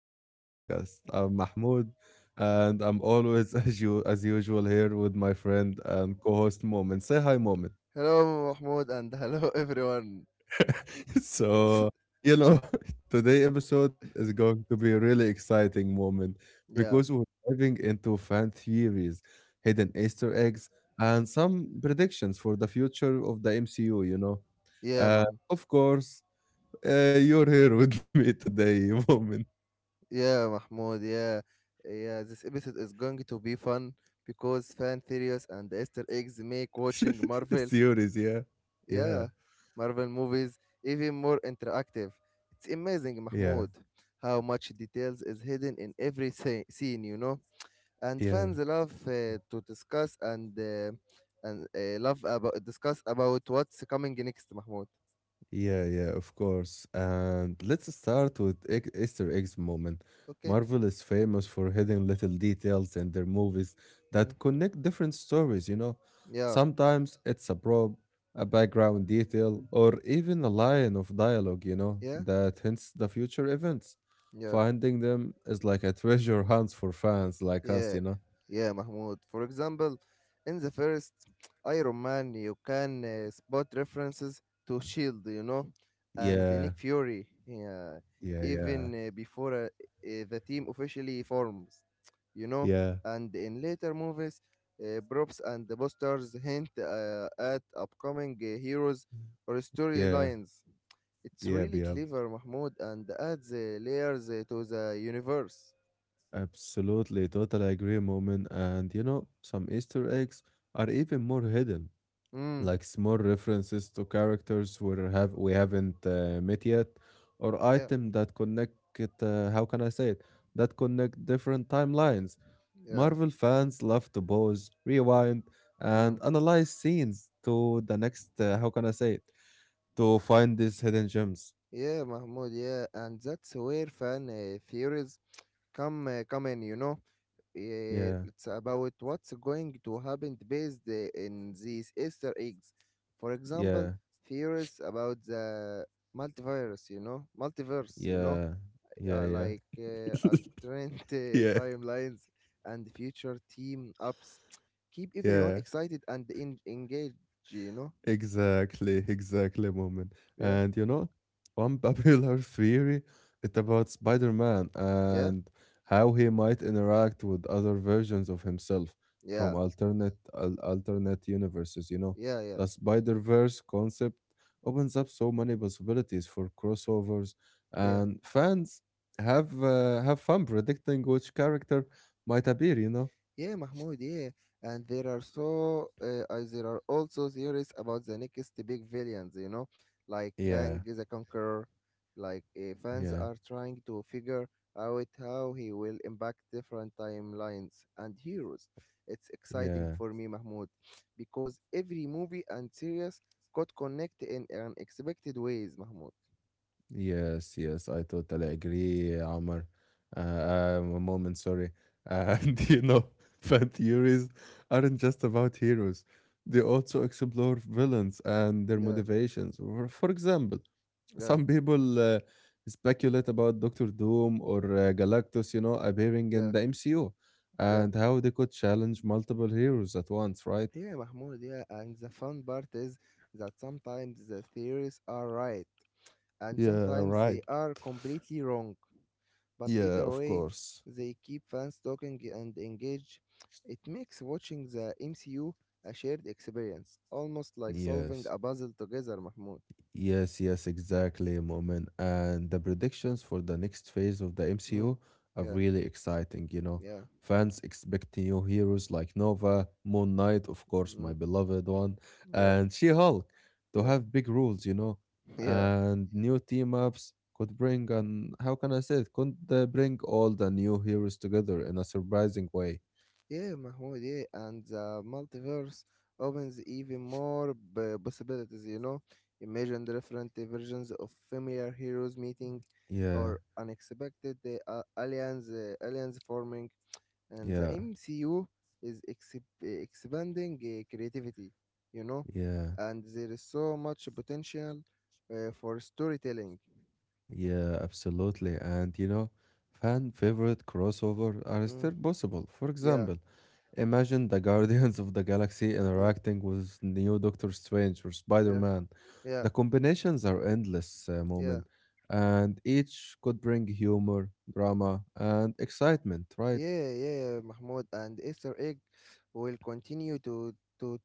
our podcast. I'm Mahmoud, and I'm always, as usual, here with my friend and co-host Moment. Say hi, Moment. Hello, Mahmoud, and hello, everyone. so, you know, today episode is going to be a really exciting moment Yeah, because we're diving into fan theories, hidden Easter eggs, and some predictions for the future of the MCU. Yeah, Mahmoud. Of course, you're here with me today, Moment. Yeah, Mahmoud. Yeah, yeah. This episode is going to be fun because fan theories and Easter eggs make watching Marvel, Theories, Yeah, Yeah, yeah, Marvel movies even more interactive. It's amazing, yeah, Mahmoud, how much details is hidden in every scene, you know. And yeah, fans love to discuss and love about discuss about what's coming next, Mahmoud. Yeah, of course. And let's start with egg Easter eggs, moment. Okay. Marvel is famous for hidden little details in their movies Mm. that connect different stories, you know. Yeah. Sometimes it's a prop, a background detail, or even a line of dialogue, Yeah. that hints the future events. Yeah, Finding them is like a treasure hunt for fans like us, yeah, you know. yeah, Mahmoud. For example, in the first Iron Man, you can spot references to Shield, you know, and Nick Yeah, Fury, yeah, yeah, yeah, even before the team officially forms, you know, yeah, and in later movies, props and the posters hint at upcoming heroes or yeah. storylines. It's Yeah, really yep. clever, Mahmoud, and adds layers to the universe. Absolutely. Totally agree, Moment. And you know, some Easter eggs are even more hidden, Mm, like small references to characters we haven't met yet, or yeah. item that connect it, how can I say it? That connect different timelines. Yeah. Marvel fans love to pause, rewind, Mm. and analyze scenes to the next, how can I say it? To find these hidden gems. Yeah, Mahmoud. Yeah, and that's where fan theories come in. You know, eh, Yeah, it's about what's going to happen based in these Easter eggs. For example, yeah, theories about the multivirus. You know, multiverse. You know, yeah, yeah, yeah, like alternate yeah. timelines and future team ups. Keep everyone Yeah. excited and in engaged. You know. Exactly, exactly, moment. Yeah. And you know, one popular theory it's about Spider-Man Yeah. and how he might interact with other versions of himself from Yeah. alternate al alternate universes. You know, Yeah. Yeah. the Spider-Verse concept opens up so many possibilities for crossovers, Yeah. and fans have fun predicting which character might appear. You know? Yeah, Mahmoud, yeah. And there are so there are also theories about the next big villains, you know, like Kang Yeah, the Conqueror. Like fans yeah, are trying to figure out how he will impact different timelines and heroes. It's exciting yeah. for me, Mahmoud, because every movie and series could connect in unexpected ways, Mahmoud. Yes, yes, I totally agree, Omar. A moment, sorry. And you know, fan theories aren't just about heroes, they also explore villains and their Yeah, motivations. For example, yeah, some people speculate about Doctor Doom or Galactus, you know, appearing in yeah, the MCU yeah. and how they could challenge multiple heroes at once, right? Yeah, Mahmoud, yeah. And the fun part is that sometimes the theories are right and Yeah, sometimes right. they are completely wrong. But Yeah, either of way, course. they keep fans talking and engaged. It makes watching the MCU a shared experience, almost like solving Yes. a puzzle together, Mahmoud. Yes, yes, exactly, Moment. And the predictions for the next phase of the Mm. MCU are Yeah, really exciting, you know. yeah, Fans expect new heroes like Nova, Moon Knight, of course, my mm, beloved one, yeah, and She-Hulk to yeah, have big roles, you know. yeah. And new team ups could bring and how can I say it? Could bring all the new heroes together in a surprising way. Yeah, Mahmoud, yeah, and the multiverse opens even more possibilities, you know. Imagine the different versions of familiar heroes meeting Yeah, or unexpected uh, aliens forming, and the yeah, MCU is expanding creativity, you know, yeah. and there is so much potential for storytelling. Yeah, absolutely. And you know, fan favorite crossover are Mm. still possible. For Yeah, example, imagine the Guardians of the Galaxy yeah, interacting with new Doctor Strange or yeah, Spider-Man. yeah, The combinations are endless, yeah. moment, and each could bring humor, drama, and excitement, right? Yeah, yeah, Mahmoud, and Easter egg will continue to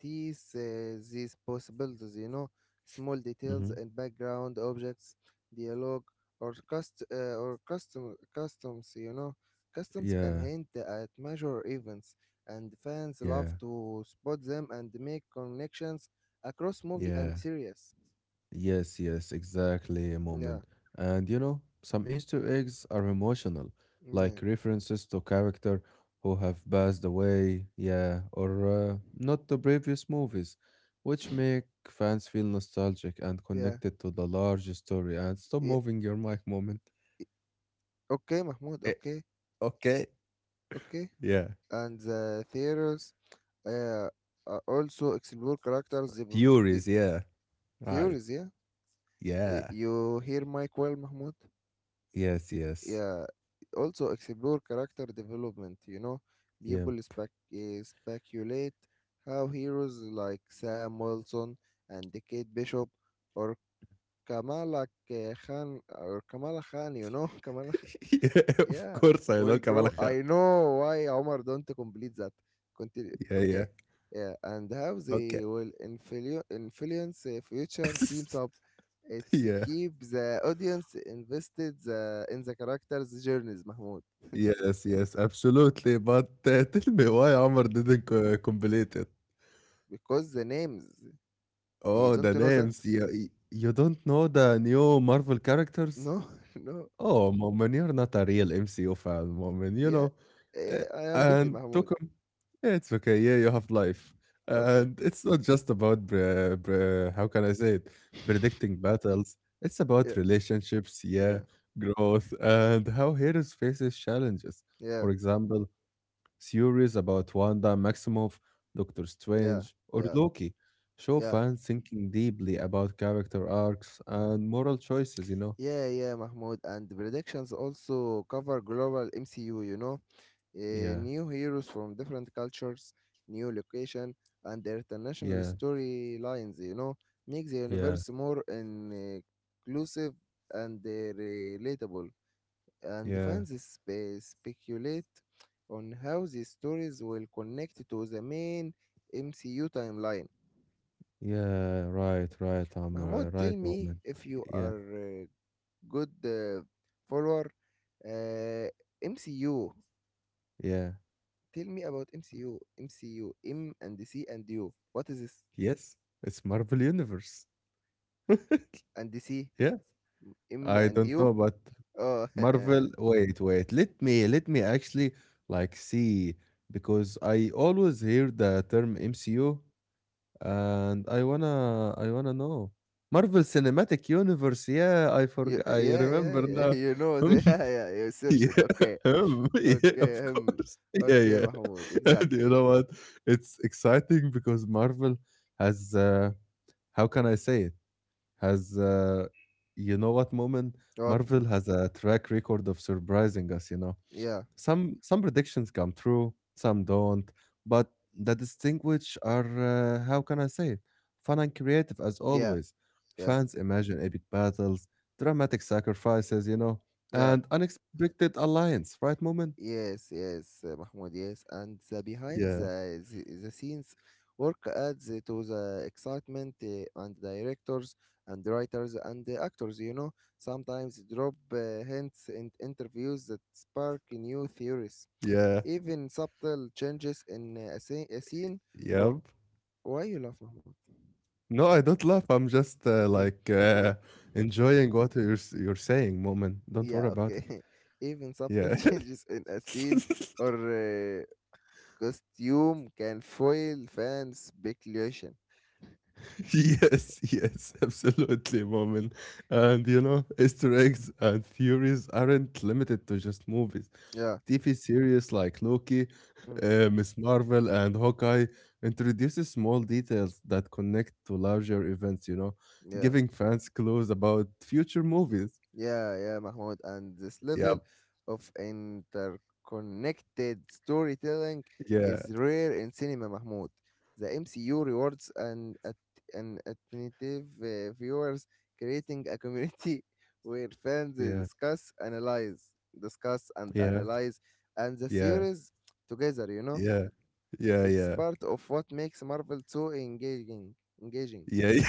tease these possibilities, you know, small details hmm and background objects, dialogue, or customs, you know. Customs can Yeah, hint at major events, and fans love yeah, to spot them and make connections across movie yeah. and series. Yes, yes, exactly, a Yeah, Moment. And you know, some Easter eggs are emotional, yeah, like references to character who have passed away, yeah, or not the previous movies, which make fans feel nostalgic and yeah, connected to the larger story. And stop yeah. moving your mic, Moment. Okay, Mahmoud. Eh, Okay, okay. okay. Yeah. And the theaters uh, also explore characters the, b- the Furies, yeah. Right. theories, yeah. Yeah. You hear Mike well, Mahmoud? Yes, yes. Yeah, also explore character development, you know. Yeah. People speculate how heroes like Sam Wilson and Kate Bishop or Kamala K- Khan Kamala Khan, you know. Kamala. yeah, of Yeah, course I know will grow. Kamala Khan. I know why Omar don't complete that. Continue. Yeah, Okay. yeah. Yeah, and how they Okay. will influence future teams up. It's Yeah. keep the audience invested in the characters' journeys, Mahmoud, Yes, yes, absolutely. But tell me why Amr didn't complete it. because the names you Oh, don't the know that. names. You don't know the new Marvel characters? No, no. Oh, Momin, you're not a real MCU fan, Momin, you Yeah, know. Uh, eh, I am busy, and Mahmoud. Tukum, yeah, it's okay. Yeah, you have life. Okay. And it's not just about, bre- bre- how can I say it, predicting battles. It's Yeah, about relationships, yeah, yeah, growth, and how heroes faces challenges. yeah, For example, theories about Wanda Maximoff, Doctor yeah, Strange, or yeah, Loki show yeah. fans thinking deeply about character arcs and moral choices, you know? Yeah, yeah, Mahmoud. And predictions also cover global MCU, you know. Yeah, New heroes from different cultures, new location, and international yeah, storylines, you know, make the yeah, universe more inclusive and relatable. And yeah, fans speculate on how these stories will connect to the main MCU timeline. yeah, right, I'm Mahmoud, tell right me moment. if you Yeah, are a good follower. Uh, MCU. yeah. Tell me about MCU. MCU. M C U. M and C and U. What is this? Yes, it's Marvel Universe. And C? Yeah, M I and don't U? know, but Oh, Marvel, wait, wait. Let me actually like see because I always hear the term MCU and I wanna know. Marvel Cinematic Universe, yeah, I you, forgot. I yeah, yeah, remember yeah. now. You know, Hmm, the- yeah, yeah. You yeah, searched it. Okay, hmm, yeah, of okay, course. Yeah, okay, yeah. Mahmoud. And you Exactly. know what? It's exciting because Marvel has, how can I say it? Has, you know what, Moment? What? Marvel has a track record of surprising us, you know? Yeah, Some predictions come true, some don't, but the distinguish are how can I say it? Fun and creative as yeah, always. yeah, Fans imagine epic battles, dramatic sacrifices, you know, yeah. and unexpected alliance, right, Moment? Yes, yes, Mahmoud, yes. And the behind Yeah, the scenes work adds to the excitement and directors and writers and the actors, you know, sometimes drop hints in interviews that spark new theories, yeah, even subtle changes in scene, a scene, or yep. why you laugh, Mahmoud? No, I don't laugh. I'm just Okay. Y- enjoying what you're saying, Moment. Don't yeah, worry about it. okay. Even subtle Yeah. changes in a scene or costume can foil fan speculation. Yes, yes, absolutely, Moment. And you know, Easter eggs and theories aren't limited to just movies. Yeah, TV series like Loki, mm, Miss Marvel, and Hawkeye introduces small details that connect to larger events, you know, yeah, giving fans clues about future movies. yeah, yeah, Mahmoud. And this level Yep. of interconnected storytelling Yeah. is rare in cinema, Mahmoud. The MCU rewards an attentive viewers, creating a community where fans Yeah. discuss, analyze, discuss, and Yeah. analyze, and the Yeah. series together, you know? Yeah. It's Yeah. part of what makes Marvel so engaging. Engaging. Yeah. Yeah.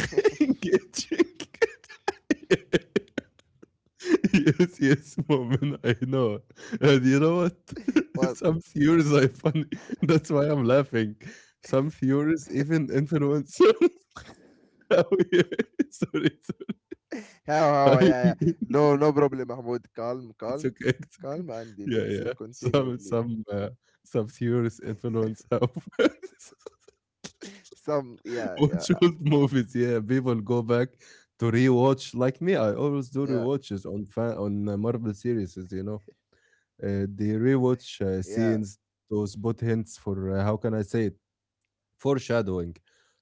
Engaging. yes, yes, Moment, I know. And you know what? What? Some theories are funny. That's why I'm laughing. Some theories, even influencers. Oh, yeah. Sorry, sorry. How? How? I Yeah, yeah. mean, No, no problem, Mahmoud. Calm, it's calm, okay. It's okay. calm, and Yeah, let's yeah. continue, please. Some theories influence how Some, yeah, yeah, watch old movies. Yeah, people go back to rewatch. Like me, I always do yeah, rewatches on fan on Marvel series. You know. They rewatch yeah, scenes to spot hints for how can I say it foreshadowing,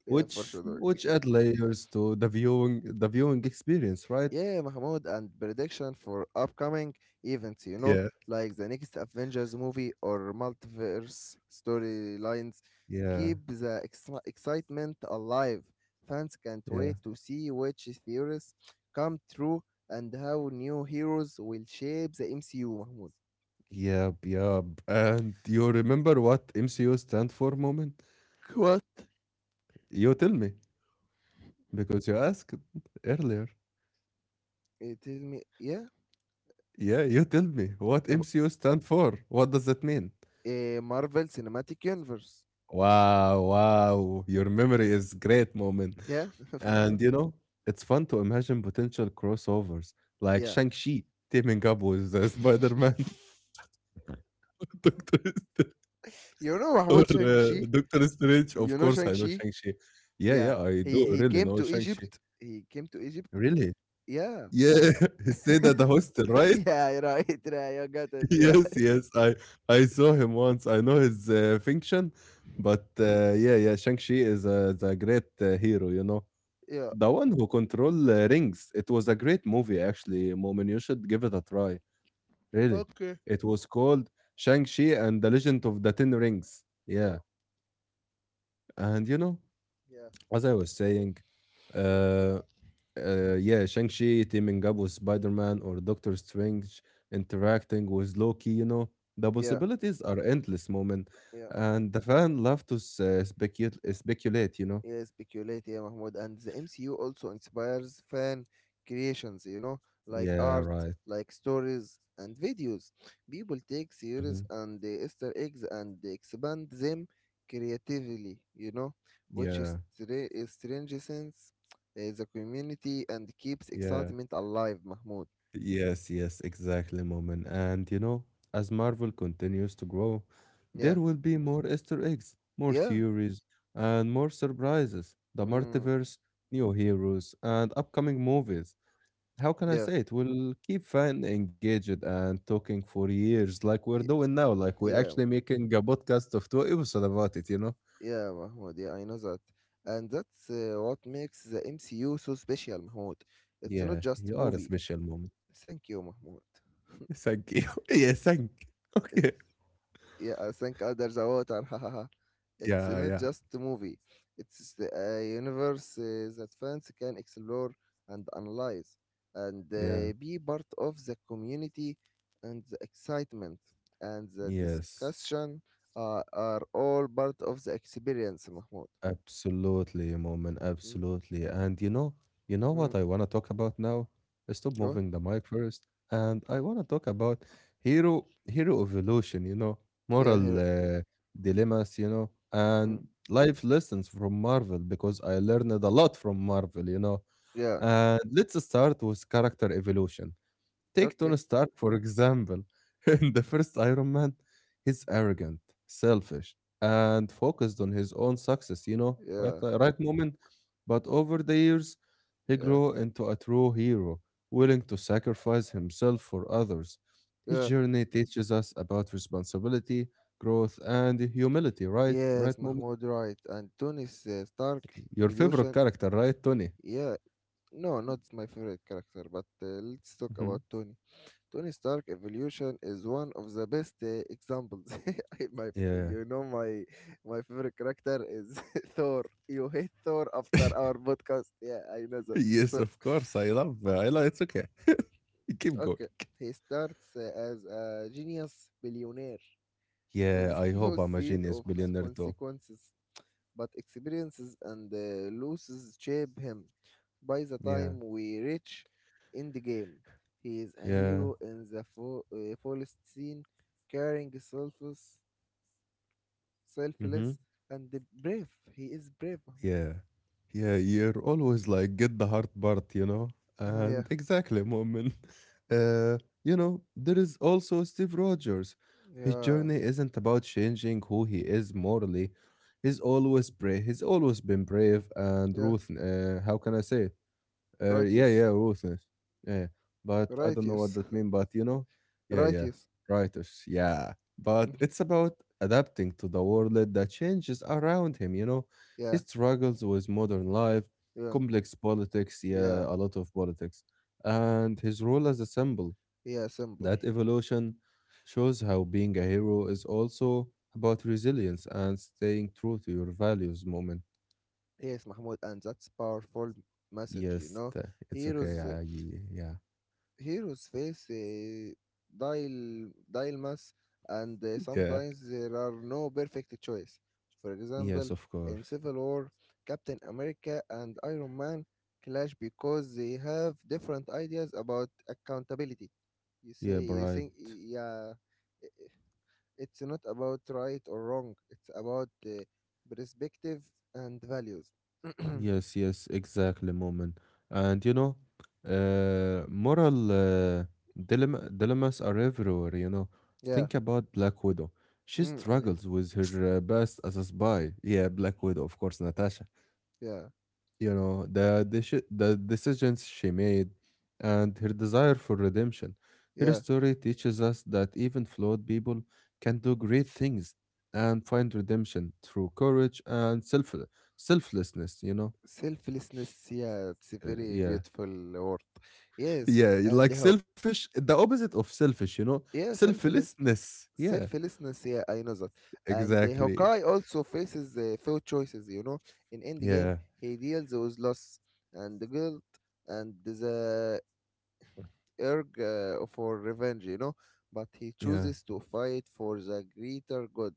yeah, for which sure. which Dog. add layers to the viewing experience, right? Yeah, Mahmoud, and prediction for upcoming events, you know, Yeah. like the next Avengers movie or multiverse storylines. Yeah, Keep the excitement alive. Fans can't yeah, wait to see which theories come true and how new heroes will shape the MCU, Mahmoud. Yep. And you remember what MCU stand for, moment? What? You tell me because you asked earlier. Eh, tell me, yeah, Yeah, you tell me what ab- MCU stand for. What does that mean? eh, Marvel Cinematic Universe. Wow, wow, your memory is great, moment. Yeah, for sure. And you know, it's fun to imagine potential crossovers like Yeah. Shang-Chi teaming up with Spider-Man, Doctor Strange, You know Mahmoud Shang-Chi? Of You know course, I know Shang-Chi? Shang-Chi. Yeah, Yeah, yeah, I he do he really came know to Shang-Chi. Egypt. He came to Egypt. Really? Yeah, Yeah, and he stayed at the hostel, right? yeah, right, right. You got it. Yeah, Yes, yes. I saw him once. I know his function, but yeah, yeah. Shang-Chi is a great hero, you know. yeah. The one who control rings. It was a great movie, actually. Moment, you should give it a try. Really? Okay. It was called Shang-Chi and the Legend of the Ten Rings. Yeah. And you know, Yeah, as I was saying, uh, yeah, Shang-Chi teaming up with Spider-Man or Doctor Strange interacting with Loki, you know, the yeah, possibilities are endless, moment. yeah. And the fan love to speculate, you know? Yeah, speculate, yeah, Mahmoud. And the MCU also inspires fan creations, you know, like Yeah, art, right. like stories, and videos. People take Mhm. series and the Easter eggs and they expand them creatively, you know, which is Yeah, strengthens the community and keeps yeah. excitement alive, Mahmoud. Yes, yes, exactly, Moment. And you know, as Marvel continues to grow, there Yeah, will be more Easter eggs, more yeah, theories, and more surprises. The mm, multiverse, new heroes, and upcoming movies. How can I yeah, say it? We'll keep fan engaged and talking for years, like we're y- doing now. Like we're yeah. actually making a podcast of two episodes about it, you know? Yeah, Mahmoud, yeah, I know that. And that's what makes the MCU so special, Mahmoud. It's not Yeah, just you are a movie. special moment. Thank you, Mahmoud. Thank you. Yeah, It's thank you. Okay. it's yeah, I think under the water. Hahaha. It's Yeah, not yeah, just a movie. It's the universe that fans can explore and analyze and yeah. Be part of the community and the excitement and the Yes. discussion are all part of the experience, Mahmoud. Absolutely, Moment. Mm, Absolutely. And you know, mm. what I want to talk about now? Stop What? moving the mic first. And I want to talk about hero evolution, you know, Yeah, moral here. Dilemmas, you know, Mm, and life lessons from Marvel because I learned a lot from Marvel, you know. yeah. And let's start with character evolution. Take Tony Okay. Stark, for example. In the first Iron Man, he's arrogant, selfish, and focused on his own success, you know, Yeah. Right moment. But over the years, he Yeah. grew into a true hero, willing to sacrifice himself for others. His Yeah. journey teaches us about responsibility, growth, and humility, right? Yes, Right moment. Mahmoud, right. And Tony's Stark Your favorite evolution. character, right, Tony? Yeah. No, not my favorite character, but let's talk Mhm. about Tony. Tony Stark evolution is one of the best examples. My, Yeah. you know, my favorite character is Thor. You hate Thor after our podcast. Yeah, I know that. Yes, So, of course. I love. I love. It's okay. Keep going. okay. He starts as a genius billionaire Yeah, with I no hope I'm a sense genius of billionaire too. consequences, but experiences and losses shape him. By the Yeah, time we reach Endgame, he is a yeah, hero in the fullest scene, caring, Mm-hmm. selfless, and the brave. He is brave, Mahmoud. yeah, yeah. You're always like, get the hard part, you know? Mhm, And exactly, moment. You know, there is also Steve Rogers. yeah, His yeah, journey isn't about changing who he is morally. He's always brave. He's always been brave and yeah. Ruth. How can I say yeah, Righteous, yeah, ruthless. Yeah, yeah. But I don't know what righteous, that means. But you know, yeah, yeah, righteous. writers. Yeah, but it's about adapting to the world that changes around him. You know, he Yeah, struggles with modern life, yeah, complex politics. yeah, Yeah, a lot of politics, and his role as a symbol. yeah. Simple. That evolution shows how being a hero is also about resilience and staying true to your values. Moment. Yes, Mahmoud, and that's powerful message. You know, It's okay. heroes yeah, heroes face dial dilemmas, and yeah. sometimes there are no perfect choice. For Yes, example, of in course. Civil War, Captain America and Iron Man clash because they have different ideas about accountability. You say Yeah, you right. think, yeah, i- it's not about right or wrong. It's about perspective and values. Yes, yes, exactly, Moment. And you know, moral dilemmas are everywhere, you know. Yeah. Think about Black Widow. She Mm, I, struggles with her past as a spy. Yeah, Black Widow, of course, Natasha. yeah. You know the decisions she made and her desire for redemption. Her Yeah. story teaches us that even flawed people can do great things and find redemption through courage and selflessness, Selflessness, yeah, it's a Uh, very yeah, beautiful word. Yes, yeah, and the like Haw- selfish, the opposite of selfish, you know. yeah, selfless, Selflessness, yeah, selflessness, yeah, I know that. And the Hawkeye exactly. also faces few choices, you know. In Endgame, Yeah, he deals with loss and the guilt and the urge for revenge, you know. But he yeah, chooses to fight for the greater good.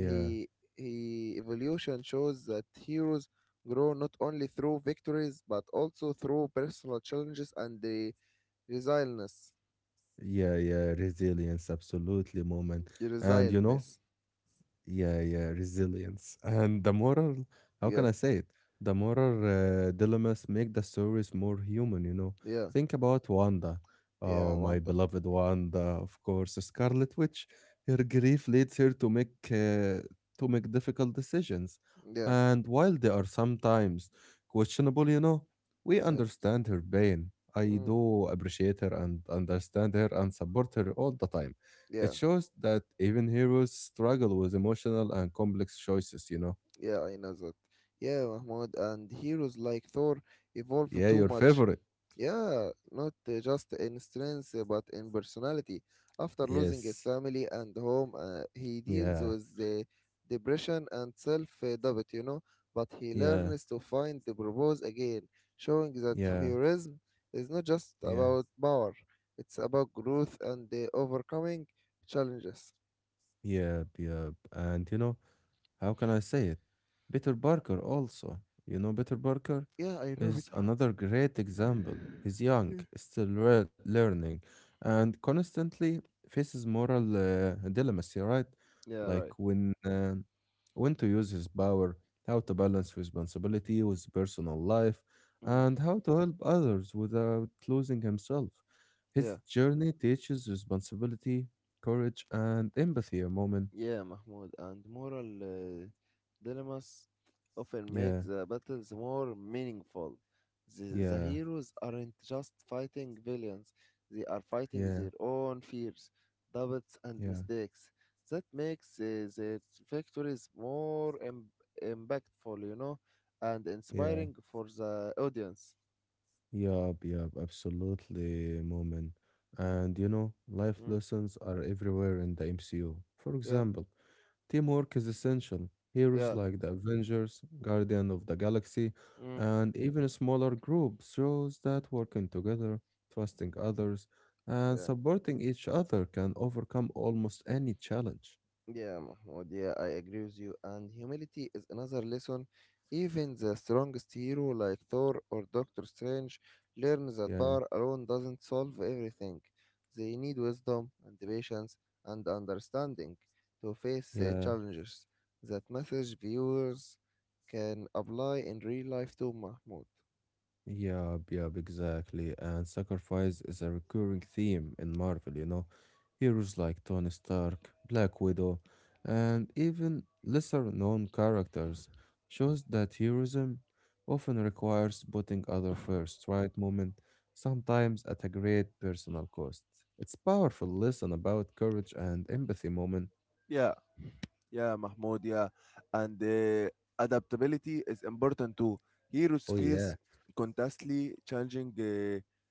yeah, he evolution shows that heroes grow not only through victories but also through personal challenges and the resilience. yeah, yeah, resilience, absolutely, moment. And Resilience. yeah, yeah, resilience. And the moral, how Yeah, can I say it? The moral dilemmas make the stories more human, you know. yeah, Think about Wanda. yeah, Oh, my Wanda. beloved Wanda, of course, Scarlet Witch. Her grief leads her to make difficult decisions. Yeah, And while they are sometimes questionable, you know, we yeah, understand her pain. I mm, do appreciate her and understand her and support her all the time. It yeah, shows that even heroes struggle with emotional and complex choices, you know? yeah. I know that. Yeah, Mahmoud, and heroes like Thor evolve Yeah, too your much. favorite. Yeah, not just in strength, but in personality. After losing his Yes. family and home, he deals Yeah. with the depression and self-doubt, you know, but he Yeah. learns to find the purpose again, showing that Yeah. heroism is not just Yeah. about power, it's about growth and overcoming challenges. Yeah. Yeah. And you know, how can I say it? Peter Parker also. You know, Peter Parker Yeah, I know is better. another great example. He's young, learning, and constantly faces moral dilemmas, yeah, right? Yeah, right. Like when to use his power, how to balance responsibility with personal life, Mm. and how to help others without losing himself. His Yeah. journey teaches responsibility, courage, and empathy. A moment. Yeah, Mahmoud, and moral dilemmas often make Yeah, the battles more meaningful. The yeah, heroes aren't just fighting villains, they are yeah. fighting their own fears, doubts, and Yeah, mistakes. That makes their victories more impactful, you know, and yeah, inspiring for the audience. yup, yup, absolutely, moment. And you know, life Mm, lessons are everywhere in the MCU. For yeah, example, teamwork is essential. Heroes yeah, like the Avengers, Guardian of the Galaxy, mm, and even smaller groups shows that working together, trusting others, and yeah. supporting each other can overcome almost any challenge. Yeah, Mahmoud, yeah, I agree with you. And humility is another lesson. Even the strongest hero like Thor or Doctor Strange learns that Yeah, power alone doesn't solve everything. They need wisdom and patience and understanding to face yeah. challenges. That message viewers can apply in real life too, Mahmoud. Yeah, yeah, exactly. And sacrifice is a recurring theme in Marvel, you know. Heroes like Tony Stark, Black Widow, and even lesser known characters shows that heroism often requires putting other first, right moment, sometimes at a great personal cost. It's powerful lesson about courage and empathy moment. Yeah, yeah, Mahmoud, yeah. And adaptability is important too. Heroes Oh face yeah, constantly changing. Yeah,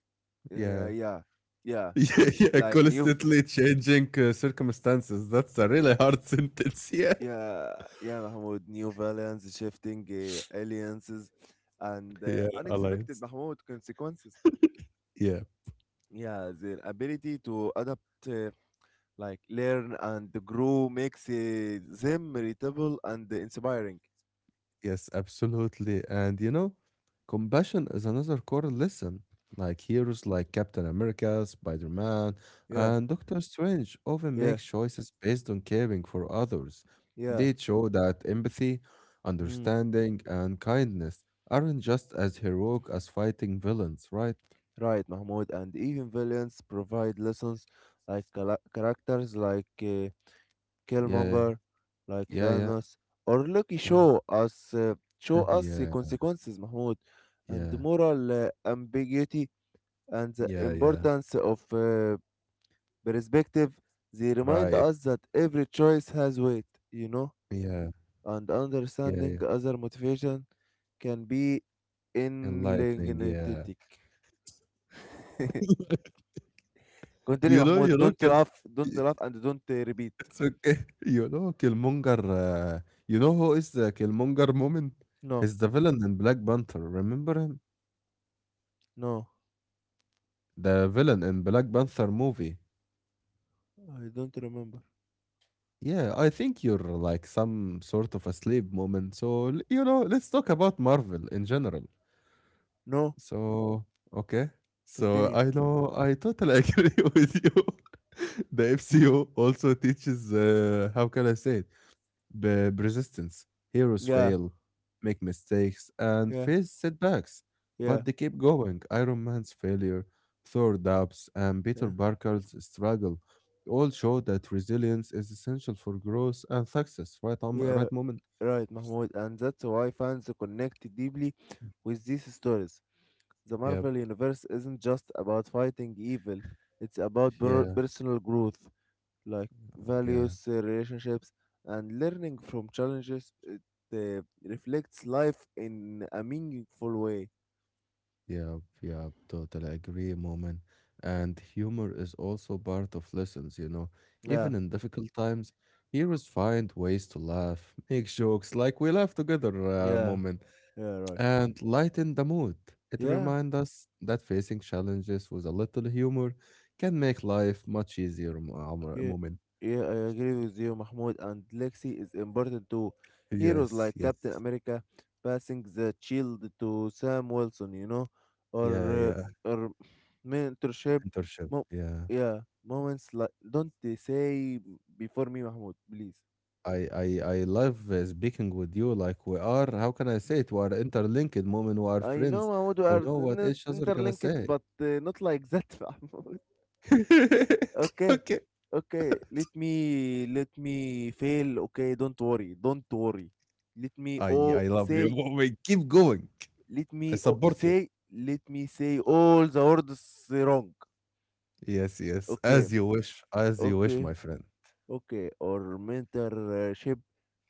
yeah. yeah, yeah. Yeah, yeah, Like new, v- constantly changing circumstances. That's a really hard sentence. Yeah. yeah, yeah, Mahmoud. New villains, shifting alliances, and Yeah, unexpected alliance. Mahmoud consequences. Yeah, Yeah, their ability to adapt, like learn and grow, makes them relatable and inspiring. yes, absolutely. And you know, compassion is another core lesson. Like heroes like Captain America, Spider Man, Yeah, and Doctor Strange often make yeah, choices based on caring for others. yeah. They show that empathy, Mm. understanding, and kindness aren't just as heroic as fighting villains, right? Right, Mahmoud. And even villains provide lessons, like characters like Yeah, Killmonger, like yeah, yeah, Thanos, or Loki yeah, show us uh, show us the yeah, consequences, Mahmoud, and the yeah, moral ambiguity and the yeah, yeah, importance of perspective. They remind right. us that every choice has weight, you know, Yeah, and yeah, understanding yeah. other motivation can be Enlightening, yeah. enigmatic. Continue, Mahmoud. you know Don't Kil laugh. Don't laugh and don't repeat. it's okay. You know Killmonger, you know who is the Killmonger Moomin? No, He's the villain in Black Panther, remember him? no, The villain in Black Panther movie. I don't remember. Yeah, I think you're like some sort of asleep moment. Let's talk about Marvel in general. No, So, okay. So continue. I know I totally agree with you. The MCU also teaches, how can I say it? Persistence. Heroes Yeah, fail, make mistakes, and yeah. face setbacks, Yeah, but they keep going. Iron Man's failure, Thor doubts, and yeah, Peter Parker's struggle all show that resilience is essential for growth and success. Right on, yeah, right moment. right, Mahmoud. And that's why fans connect deeply with these stories. The Yep. Marvel Universe isn't just about fighting evil, it's about Yeah. personal growth, like Yeah. values, relationships, and learning from challenges. It reflects life in a meaningful way. Yeah, yeah, totally agree, moment. And humor is also part of lessons, you know. Even Yeah, in difficult times, heroes find ways to laugh, make jokes, like we laugh together, yeah, moment, yeah, right. and lighten the mood. It Yeah. reminds us that facing challenges with a little humor can make life much easier, Yeah, moment. yeah, I agree with you, Mahmoud. And Lexi is important too. Heroes Yes, like yes. Captain America passing the shield to Sam Wilson, you know, or Yeah, uh, yeah. or mentorship. Mentorship. Mo- Yeah. yeah, moments like don't they say before me, Mahmoud, please. I love speaking with you. Like we are, how can I say it, we are interlinked moment. We are I know, friends. Mahmoud, we We are know what each other gonna interlinked, say. but not like that, Mahmoud. Okay, Okay, okay. Let me fail. Okay, don't worry, don't worry, let me I oh I love you say. moment, keep going. Let me I o support you. say, let me say all the words wrong. Yes, yes, Okay, as you wish, as you wish, okay, my friend. okay. Or mentorship,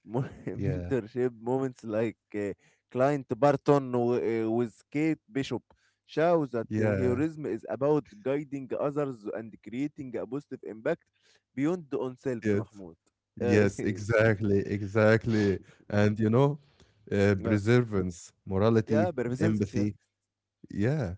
Yeah, mentorship moments like client Barton with Kate Bishop show that yeah, heroism is about guiding others and creating a positive impact beyond oneself, yes, Mahmoud. Uh, yes, exactly, exactly. And you know, yeah, preservance, morality, yeah, beneficence, of yeah. empathy, yeah,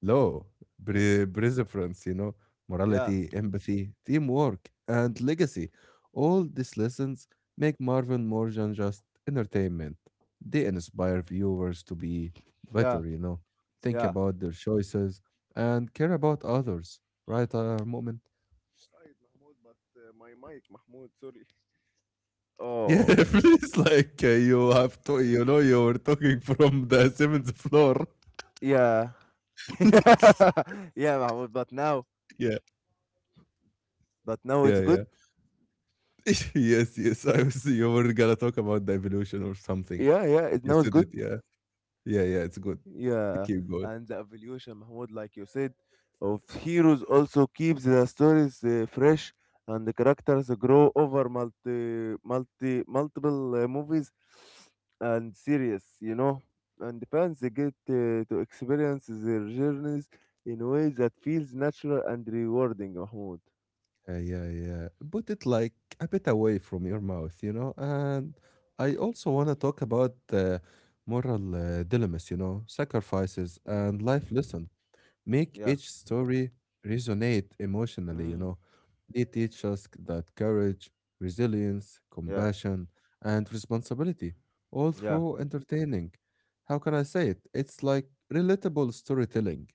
law, perseverance, you know, Yeah, morality, empathy, teamwork, and legacy. All these lessons make Marvel more than just entertainment. They inspire viewers to be yeah, better, you know, think yeah. about their choices and care about others. Right, our moment. Right, Mahmoud, but my mic, Mahmoud, sorry. Yeah, Oh, please, like you have to, you know, you were talking from the seventh floor. yeah, yeah, Mahmoud. Yeah, But now yeah, it's yeah. good. Yes, yes. You were gonna talk about the evolution or something. Yeah, yeah, it You now it's said it, good. yeah. Yeah, yeah, it's good. Yeah, Keep going. and the evolution, Mahmoud, like you said, of heroes also keeps the stories fresh, and the characters grow over multiple movies and series. You know, and the fans they get to experience their journeys in ways that feels natural and rewarding, Mahmoud. Yeah, yeah, yeah. Put it like a bit away from your mouth, you know? And I also wanna talk about moral dilemmas, you know, sacrifices and life lesson. Make Yeah. each story resonate emotionally, you Mm, know. They teach us that courage, resilience, yeah. compassion, and responsibility, all Yeah, through entertaining. How can I say it? It's like relatable storytelling.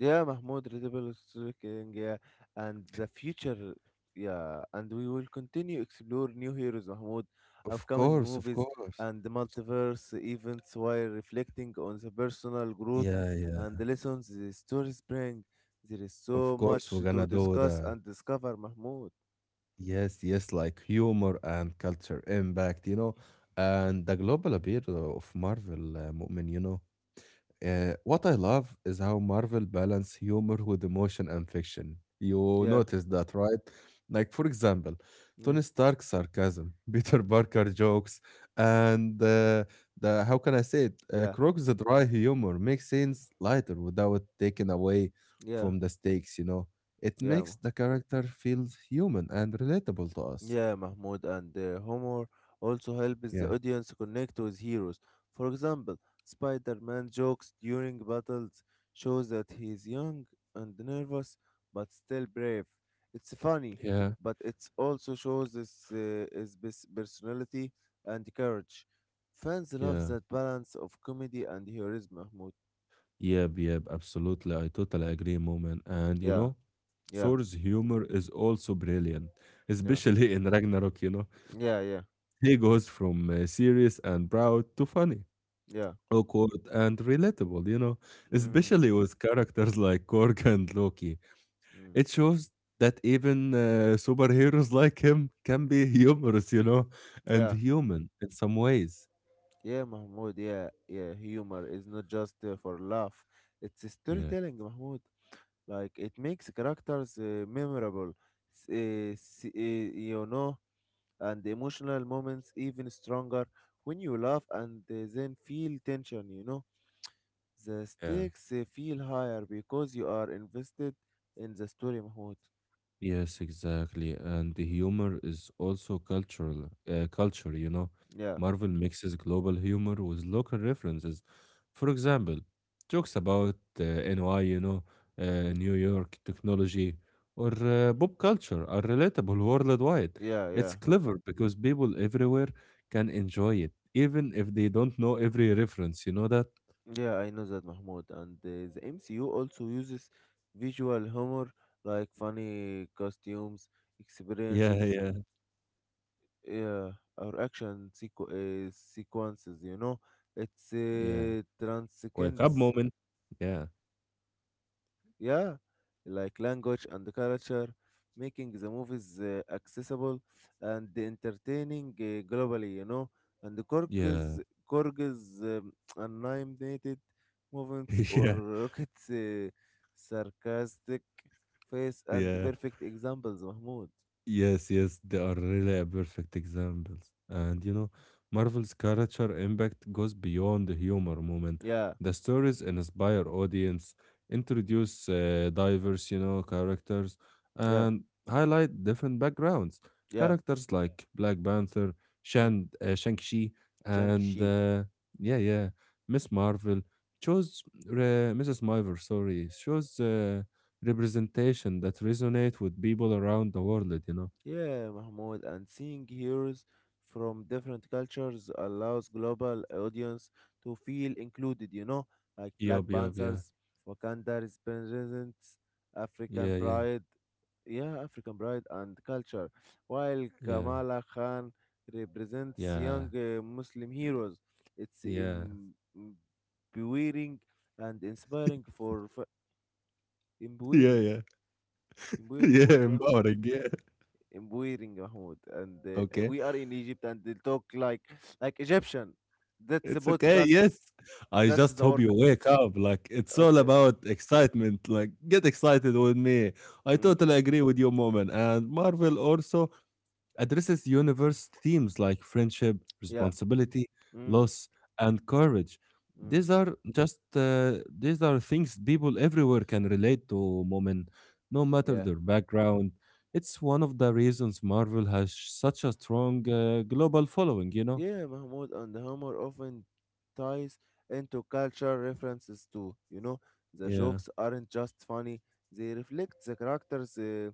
yeah, Mahmoud, Readable King, yeah, and the future, yeah, and we will continue explore new heroes, Mahmoud, Of upcoming course, of movies, course. and the multiverse events while reflecting on the personal growth Yeah, and yeah. the lessons the stories bring. There is Of so course, we're much gonna to do discuss that. and discover, Mahmoud. Yes, yes, like humor and culture impact, you know, and the global appeal of Marvel, Mu'min, you know. What I love is how Marvel balance humor with emotion and fiction. You Yeah, notice that, right? Like, for example, yeah, Tony Stark's sarcasm, Peter Parker jokes, and the how can I say it? Yeah, Croc's dry humor makes scenes lighter without taking away yeah, from the stakes. You know, it yeah. makes the character feel human and relatable to us. Yeah, Mahmoud, and humor also helps the Yeah. audience connect with heroes. For example, Spider-Man jokes during battles shows that he is young and nervous but still brave. It's funny, Yeah, but it also shows his, his personality and courage. Fans love yeah, that balance of comedy and heroism, Mahmoud. yep, yep, absolutely. I totally agree, moment. And you Yeah, know, yeah, Thor's humor is also brilliant, yeah, especially in Ragnarok, you know. yeah, yeah, He goes from serious and proud to funny, yeah. awkward and relatable, you know, Mm, especially with characters like Korg and Loki. mm, It shows that even superheroes like him can be humorous, you know, and yeah. human in some ways. Yeah, Mahmoud, yeah, yeah, humor is not just for laugh. It's a Yeah, storytelling, Mahmoud. Like, it makes characters memorable, s- uh, s- uh, you know, and emotional moments even stronger when you laugh and then feel tension, you know. The yeah. stakes feel higher because you are invested in the story, Mahmoud. Yes, exactly. And the Mm. humor is also culture, you know. Yeah, Marvel mixes global humor with local references. For example, jokes about NY, you know, mm, New York, technology, or pop culture are relatable worldwide. yeah, yeah. It's clever because people everywhere can enjoy it, even if they don't know every reference. You know that? Yeah, I know that, Mahmoud. And the MCU also uses visual humor like funny costumes, Yeah, experiences, yeah, yeah, or action sequences, you know. It's yeah. Wake up transcends. moment. Yeah, Yeah, like language and the culture, making the movies accessible and entertaining globally, you know. And the yeah, Korg's, Korg's animated movements or yeah, Rocket's sarcastic face and the yeah. perfect examples, Mahmoud. Yes, yes, they are really a perfect examples. And you know, Marvel's character impact goes beyond the humor moment. Yeah, The stories inspire audience, introduce diverse, you know, characters, yeah, and highlight different backgrounds. yeah. Characters like Black Panther, Mm. Shang-Chi, and Shang-Chi. Yeah, yeah, Miss Marvel. Chose Mrs. Marvel, sorry, chose. Representation that resonate with people around the world, you know? Yeah, Mahmoud, and seeing heroes from different cultures allows global audience to feel included, you know, like Black Yup, yup, yeah. Panthers, Wakanda represents African Yeah, yeah. pride, yeah, African pride and culture, while Yeah. Kamala Khan represents Yeah. young Muslim heroes. It's Yeah. Empowering and inspiring for Yeah, empowering, yeah. Yeah, empowering, empowering, yeah. in wearing Mahmoud, and Okay. we are in Egypt, and they talk like Egyptian. That's a It's okay, podcast. yes. I That's just the hope work. you wake up. Like it's all Okay. about excitement. Like get excited with me. I Mm. totally agree with you, moment. And Marvel also addresses universe themes like friendship, Yeah. responsibility, Mm. loss, and courage. Mm. These are just uh, these are things people everywhere can relate to, moment, no matter Yeah. their background. It's one of the reasons Marvel has such a strong global following, you know? Yeah, Mahmoud, and humor often ties into cultural references too. You know, the Yeah, jokes aren't just funny; they reflect the characters'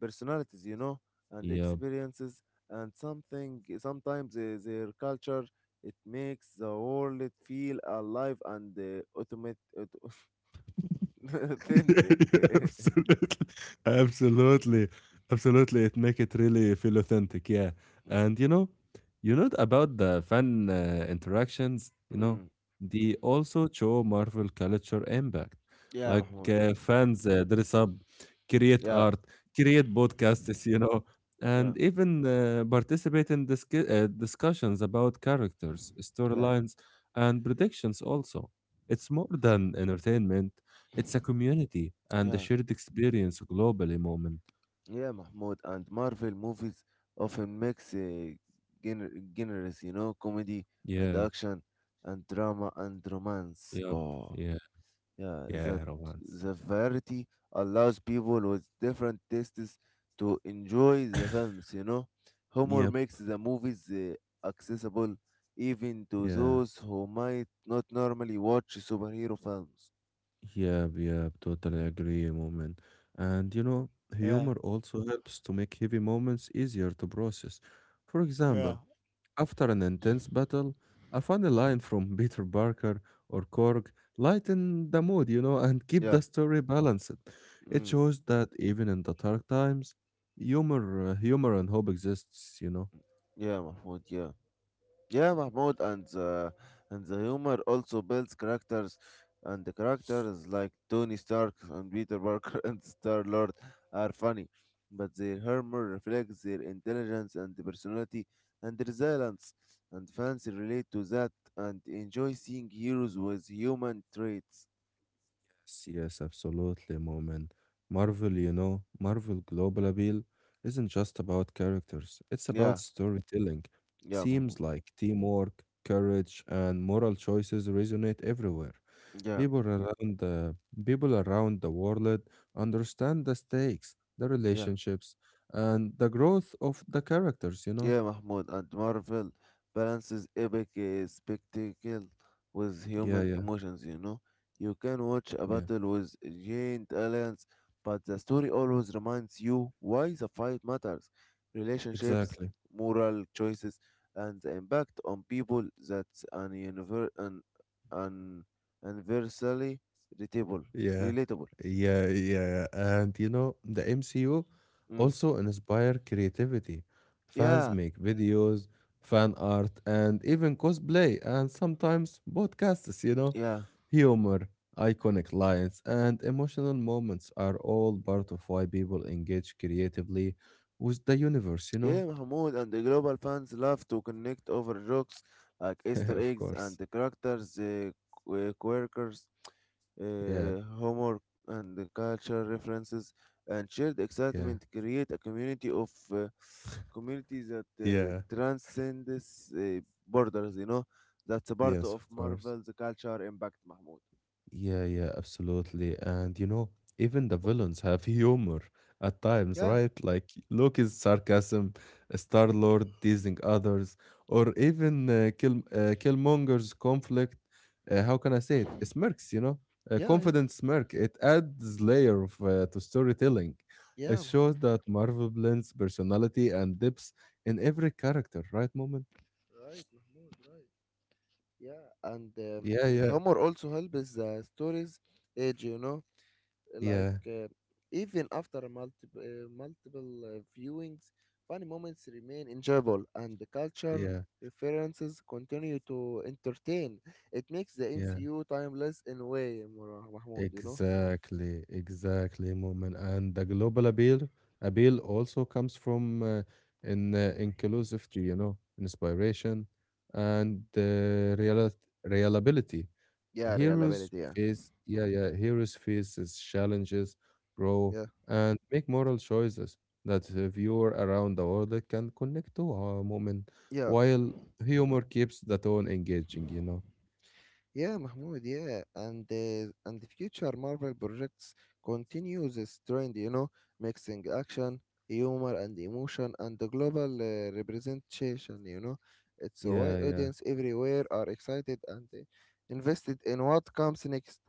personalities, you know, and yeah. experiences, and something sometimes their culture it makes the world feel alive and automate, Yeah, yeah, authentic. absolutely, absolutely, absolutely. It make it really feel authentic, yeah. Mm. And you know, about the fan interactions. You know, Mm. they also show Marvel culture impact. Yeah, Like Mahmoud. Fans dress up, create Yeah, art, create podcasts. You know, yeah, and even participate in discussions about characters, yeah. storylines, and predictions. Also, it's more than entertainment, it's a community and a Yeah, shared experience globally moment. yeah, Mahmoud. And Marvel movies often mix genres, you know, comedy and Yeah. action and drama and romance. Yep. Oh. Yeah. Yeah, that Yeah, romance. the variety allows people with different tastes to enjoy the films, you know. Humor Yep. makes the movies accessible even to Yeah. those who might not normally watch superhero films. Yep. Yep. Totally agree, moment. And you know, humor also helps to make heavy moments easier to process. For example, after an intense battle, a funny line from Peter Parker or Korg lightened the mood, you know, and keep Yeah, the story balanced. It mm, shows that even in the dark times, humor and hope exists, you know. yeah, Mahmoud, yeah. Yeah, Mahmoud, and the humor also builds characters, and the characters like Tony Stark and Peter Parker and Star Lord are funny, but their humor reflects their intelligence and personality and resilience, and fans relate to that and enjoy seeing heroes with human traits. Yes, yes, absolutely, moment. Marvel, you know, Marvel Global Appeal isn't just about characters, it's about Yeah, storytelling. yeah, Mahmoud. Themes like teamwork, courage, and moral choices resonate everywhere. Yeah, People around the people around the world understand the stakes, the yeah. relationships, and the growth of the characters, you know? Yeah, Mahmoud, and Marvel balances epic spectacle with Yeah, human yeah, emotions, you know. You can watch a yeah. battle with giant aliens, but the story always reminds you why the fight matters. Relationships, Exactly. moral choices, and the impact on people that's an universally relatable. Yeah, Relatable. yeah, yeah. And you know, the MCU Mm. also inspire creativity. Fans Yeah, make videos, fan art, and even cosplay, and sometimes podcasts, you know. yeah. Humor, iconic lines, and emotional moments are all part of why people engage creatively with the universe, you know? Yeah, Mahmoud, and the global fans love to connect over jokes like Easter Of eggs and course. the characters, quirkers, Yeah, humor, and the culture references, and shared yeah, excitement create a community that yeah. transcends borders. You know, that's a part Yes, of of course. Marvel's culture impact, Mahmoud. Yeah, yeah, absolutely. And you know, even the villains have humor at times, Yeah, right? Like Loki's sarcasm, Star Lord teasing others, or even Killmonger's conflict. How can I say it? Smirks, you know, a yeah, yeah, confident smirk. It adds layer of, to storytelling. It yeah, shows Mahmoud. that Marvel blends personality and depth in every character, right, moment? Right, Mahmoud, right. Yeah, and uh, Yeah, and yeah, humor also helps the stories age, you know, like yeah, even after multiple viewings, funny moments remain enjoyable, and the culture yeah, references continue to entertain. It makes the yeah. MCU timeless in a way, Mahmoud. You know? Exactly, exactly, moment. And the global appeal appeal also comes from in inclusivity, you know, inspiration and real reliability. Yeah, reliability. Heroes Yeah, face, yeah, yeah, heroes faces challenges, grow, yeah, and make moral choices that a viewer around the world can connect to a moment, while humor keeps the tone engaging, yeah. you know. Yeah, Mahmoud, yeah. And the future Marvel projects continue this trend, you know, mixing action, humor and emotion and the global representation, you know. It's why Yeah, yeah. audience everywhere are excited and invested in what comes next.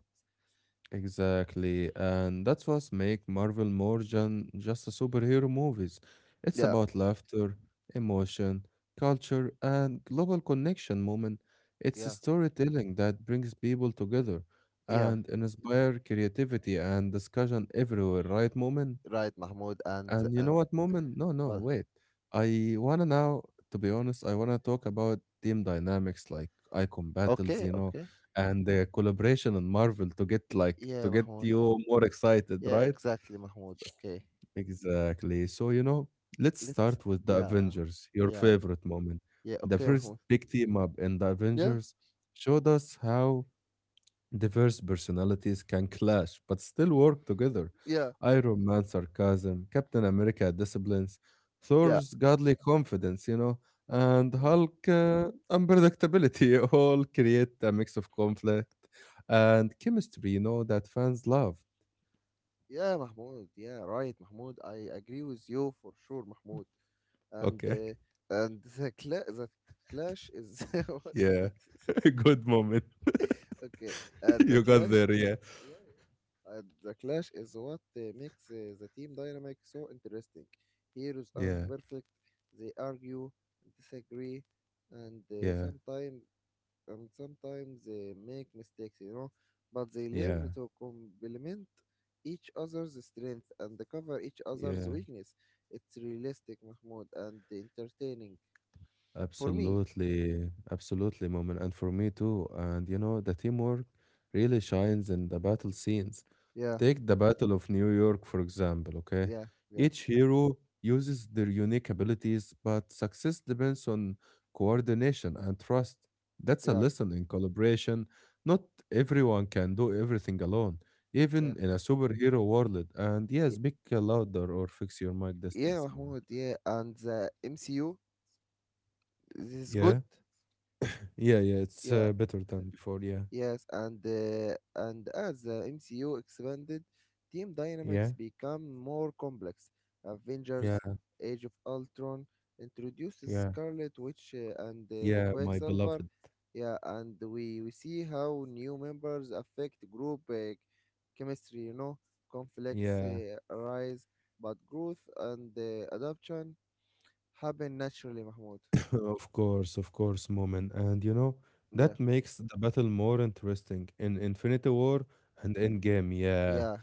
Exactly, and that's what make Marvel more than just a superhero movies. It's Yeah, about laughter, emotion, culture, and global connection moment. It's a yeah, storytelling that brings people together yeah. and inspire creativity and discussion everywhere, right, moment? Right, Mahmoud, And you know what, Moment? No, no, well, wait. I wanna now, to be honest, I wanna talk about team dynamics, like icon battles, okay, okay. and the collaboration in Marvel to get like to Yeah, get Mahmoud. you more excited, Yeah, right? exactly, Mahmoud. Okay. Exactly. So let's Let's start with the yeah. Avengers, your Yeah. favorite moment. Yeah, The okay, first Mahmoud. big team up in the Yeah. Avengers showed us how diverse personalities can clash but still work together. Yeah. Iron Man sarcasm, Captain America disciplines, Thor's godly confidence, and Yeah. Hulk unpredictability all create a mix of conflict and chemistry, that fans love. Yeah, Mahmoud. Yeah, right, Mahmoud. I agree with you for sure, Mahmoud. And Okay. and the clash is what? Yeah. Good moment. Okay. The you got clash. there. Yeah. Yeah, yeah. And the clash is what makes the team dynamic so interesting. Heroes aren't Yeah. perfect. They argue, disagree, and Yeah. Sometimes they make mistakes, you know, but they Yeah. learn to complement each other's strength and cover each Yeah. other's weakness. It's realistic, Mahmoud, and entertaining for me. Absolutely, absolutely, Moment. And for me too. And the teamwork really shines in the battle scenes. Yeah, Take the Battle of New York, for example, okay? yeah, yeah, Each hero uses their unique abilities, but success depends on coordination and trust. That's a yeah, lesson in collaboration. Not everyone can do everything alone, yeah, even in a superhero world. And yeah, Y- speak louder or fix your mic yeah, distance, Moment. Mahmoud. Yeah, and the MCU this is good. Yeah. Yeah, yeah, it's Yeah, better than before, yeah. yes, and and as the MCU expanded, team Yeah, dynamics become more complex. Avengers: yeah, Age of Ultron introduces yeah, Scarlet Witch and yeah, my Quicksilver. beloved. Yeah, and we see how new members affect group chemistry. You know, conflicts Yeah, arise, but growth and adoption happen naturally. Mahmoud. Of course, moment. And Yeah, that makes the battle more interesting. In Infinity War and Endgame, yeah. yeah,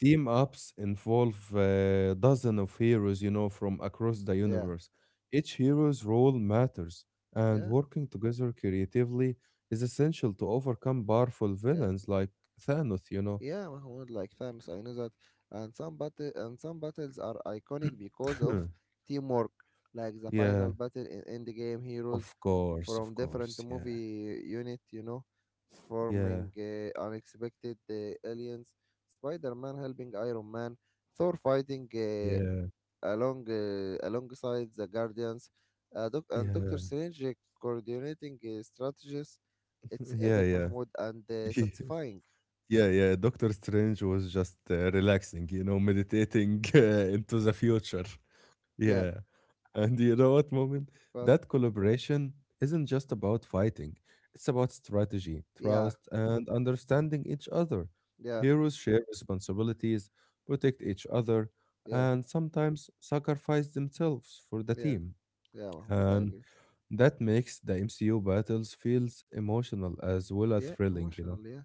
Team ups involve dozen of heroes, from across the yeah, universe. Each hero's role matters, and yeah, working together creatively is essential to overcome powerful yeah. villains like Thanos, you know. Yeah, Mahmoud, like Thanos, I know that. And some battles are iconic because of teamwork, like the Yeah, final battle in Endgame heroes from of different course, yeah. movie unit, you know, Yeah. forming unexpected aliens. Spider-Man helping Iron Man, Thor fighting Yeah, alongside the Guardians, and Doctor yeah, Strange coordinating strategies. It's yeah, epic, yeah, Mahmoud, and satisfying. yeah, yeah. Doctor Strange was just relaxing, meditating into the future. Yeah. Yeah, and you know what, moment? Go. That collaboration isn't just about fighting; it's about strategy, Yeah, trust, and understanding each other. yeah, Heroes share responsibilities, protect each other, yeah, and sometimes sacrifice themselves for the yeah, team. yeah, Mahmoud, I And agree. that makes the MCU battles feels emotional as well as Yeah, thrilling, you know. emotional, yeah.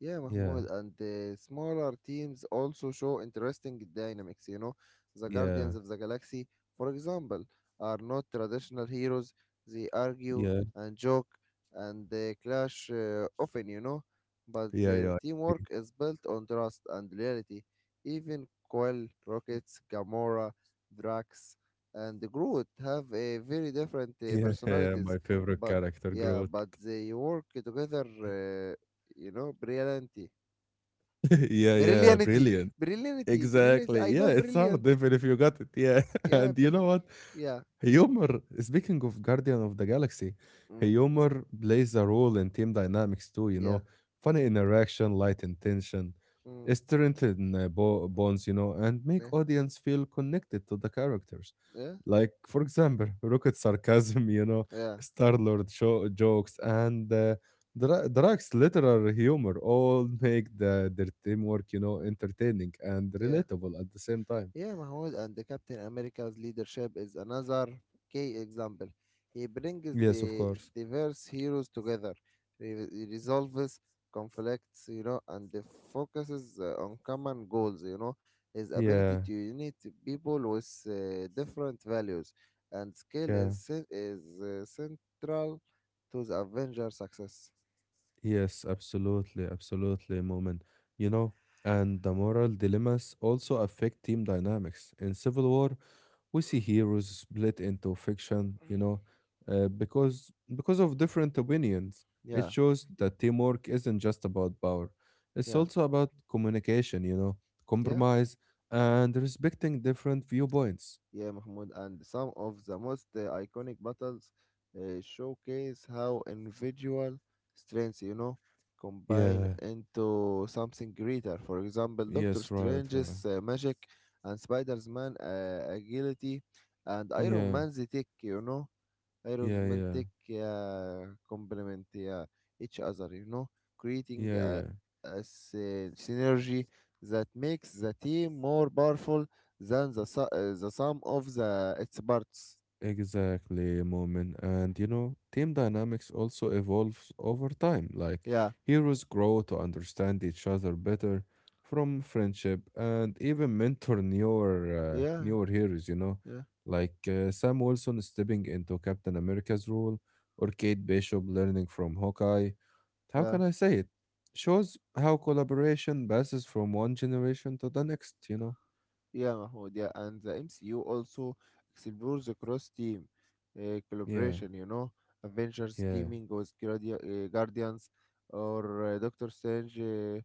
Yeah, Yeah, Mahmoud, and the smaller teams also show interesting dynamics. You know, the yeah, Guardians of the Galaxy, for example, are not traditional heroes. They argue yeah, and joke and they clash often, you know, but yeah, their yeah, teamwork is built on trust and loyalty. Even Quill, Rockets, Gamora, Drax, and Groot have a very different yeah. yeah, my personalities, favorite but character, yeah, Groot. but they work together you know, brillianty, yeah, yeah, brillianty, brilliant. brillianty, brilliant. Exactly. I Yeah, know it's hard brilliant. even if you got it. Yeah. Yeah, And you know what? yeah, Humor, speaking of Guardian of the Galaxy, mm, humor plays a role in team dynamics too, you yeah, know. Funny interaction, light intention, mm, strengthen bonds, and make yeah, audience feel connected to the characters. yeah, Like, for example, Rocket sarcasm, you know, yeah, Star-Lord jokes, and Drax literal humor all make the their teamwork, entertaining and yeah. relatable at the same time. Yeah, Mahmoud, and the Captain America's leadership is another key example. He brings Yes, of the course. diverse heroes together, resolves conflicts, you know, and focuses on common goals, you know. His ability Yeah, to unite people with different values and skill yeah. is central to the Avengers' success. Yes, absolutely, absolutely, Moment. You know, and the moral dilemmas also affect team dynamics. In Civil War, we see heroes split into fiction, you know, because of different opinions. It Yeah, shows that teamwork isn't just about power, it's yeah, also about communication, you know, yeah. compromise, and respecting different viewpoints. Yeah, Mahmoud, and some of the most iconic battles showcase how individual strengths, you know, combine Yeah into something greater. For example, Doctor yes, right, right. Strange's magic and spider mans agility and Iron Yeah, Man's tech, you know, yeah, yeah, romantic complement yeah, each other, you know, creating yeah, yeah. a synergy that makes the team more powerful than the sum of the its parts. Exactly, Moment. And you know, team dynamics also evolves over time. Like Yeah, heroes grow to understand each other better from friendship and even mentor yeah, newer heroes, yeah, like Sam Wilson stepping into Captain America's role or Kate Bishop learning from Hawkeye. How yeah. can I say it? Shows how collaboration passes from one generation to the next, you know. Yeah, Mahmoud, yeah, and the MCU also explores the cross-team Yeah, collaboration, you know, Avengers yeah. teaming with Guardians or Doctor Strange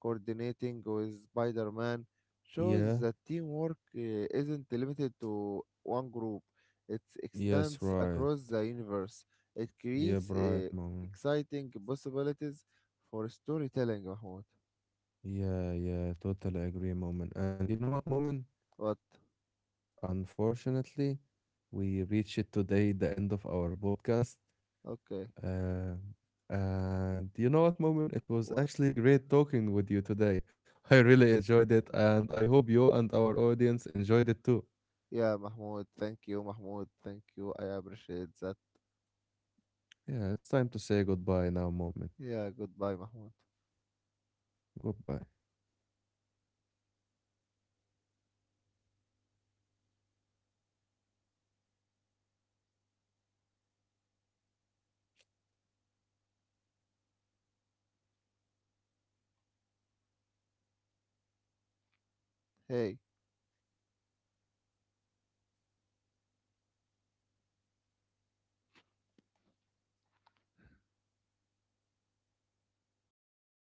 coordinating with Spider-Man shows Yeah. that teamwork isn't limited to one group. It Yes, extends right. across the universe. It Yeah, creates bright moment. exciting possibilities for storytelling, Mahmoud. Yeah, yeah, totally agree, moment. And you know what, moment? What? Unfortunately, we reached today the end of our podcast. Okay. Uh, and you know what, moment? It was actually great talking with you today. I really enjoyed it, and I hope you and our audience enjoyed it too. Yeah, Mahmoud, thank you, Mahmoud, thank you. I appreciate that. Yeah, it's time to say goodbye now, moment. Yeah, goodbye, Mahmoud. Goodbye. Hey.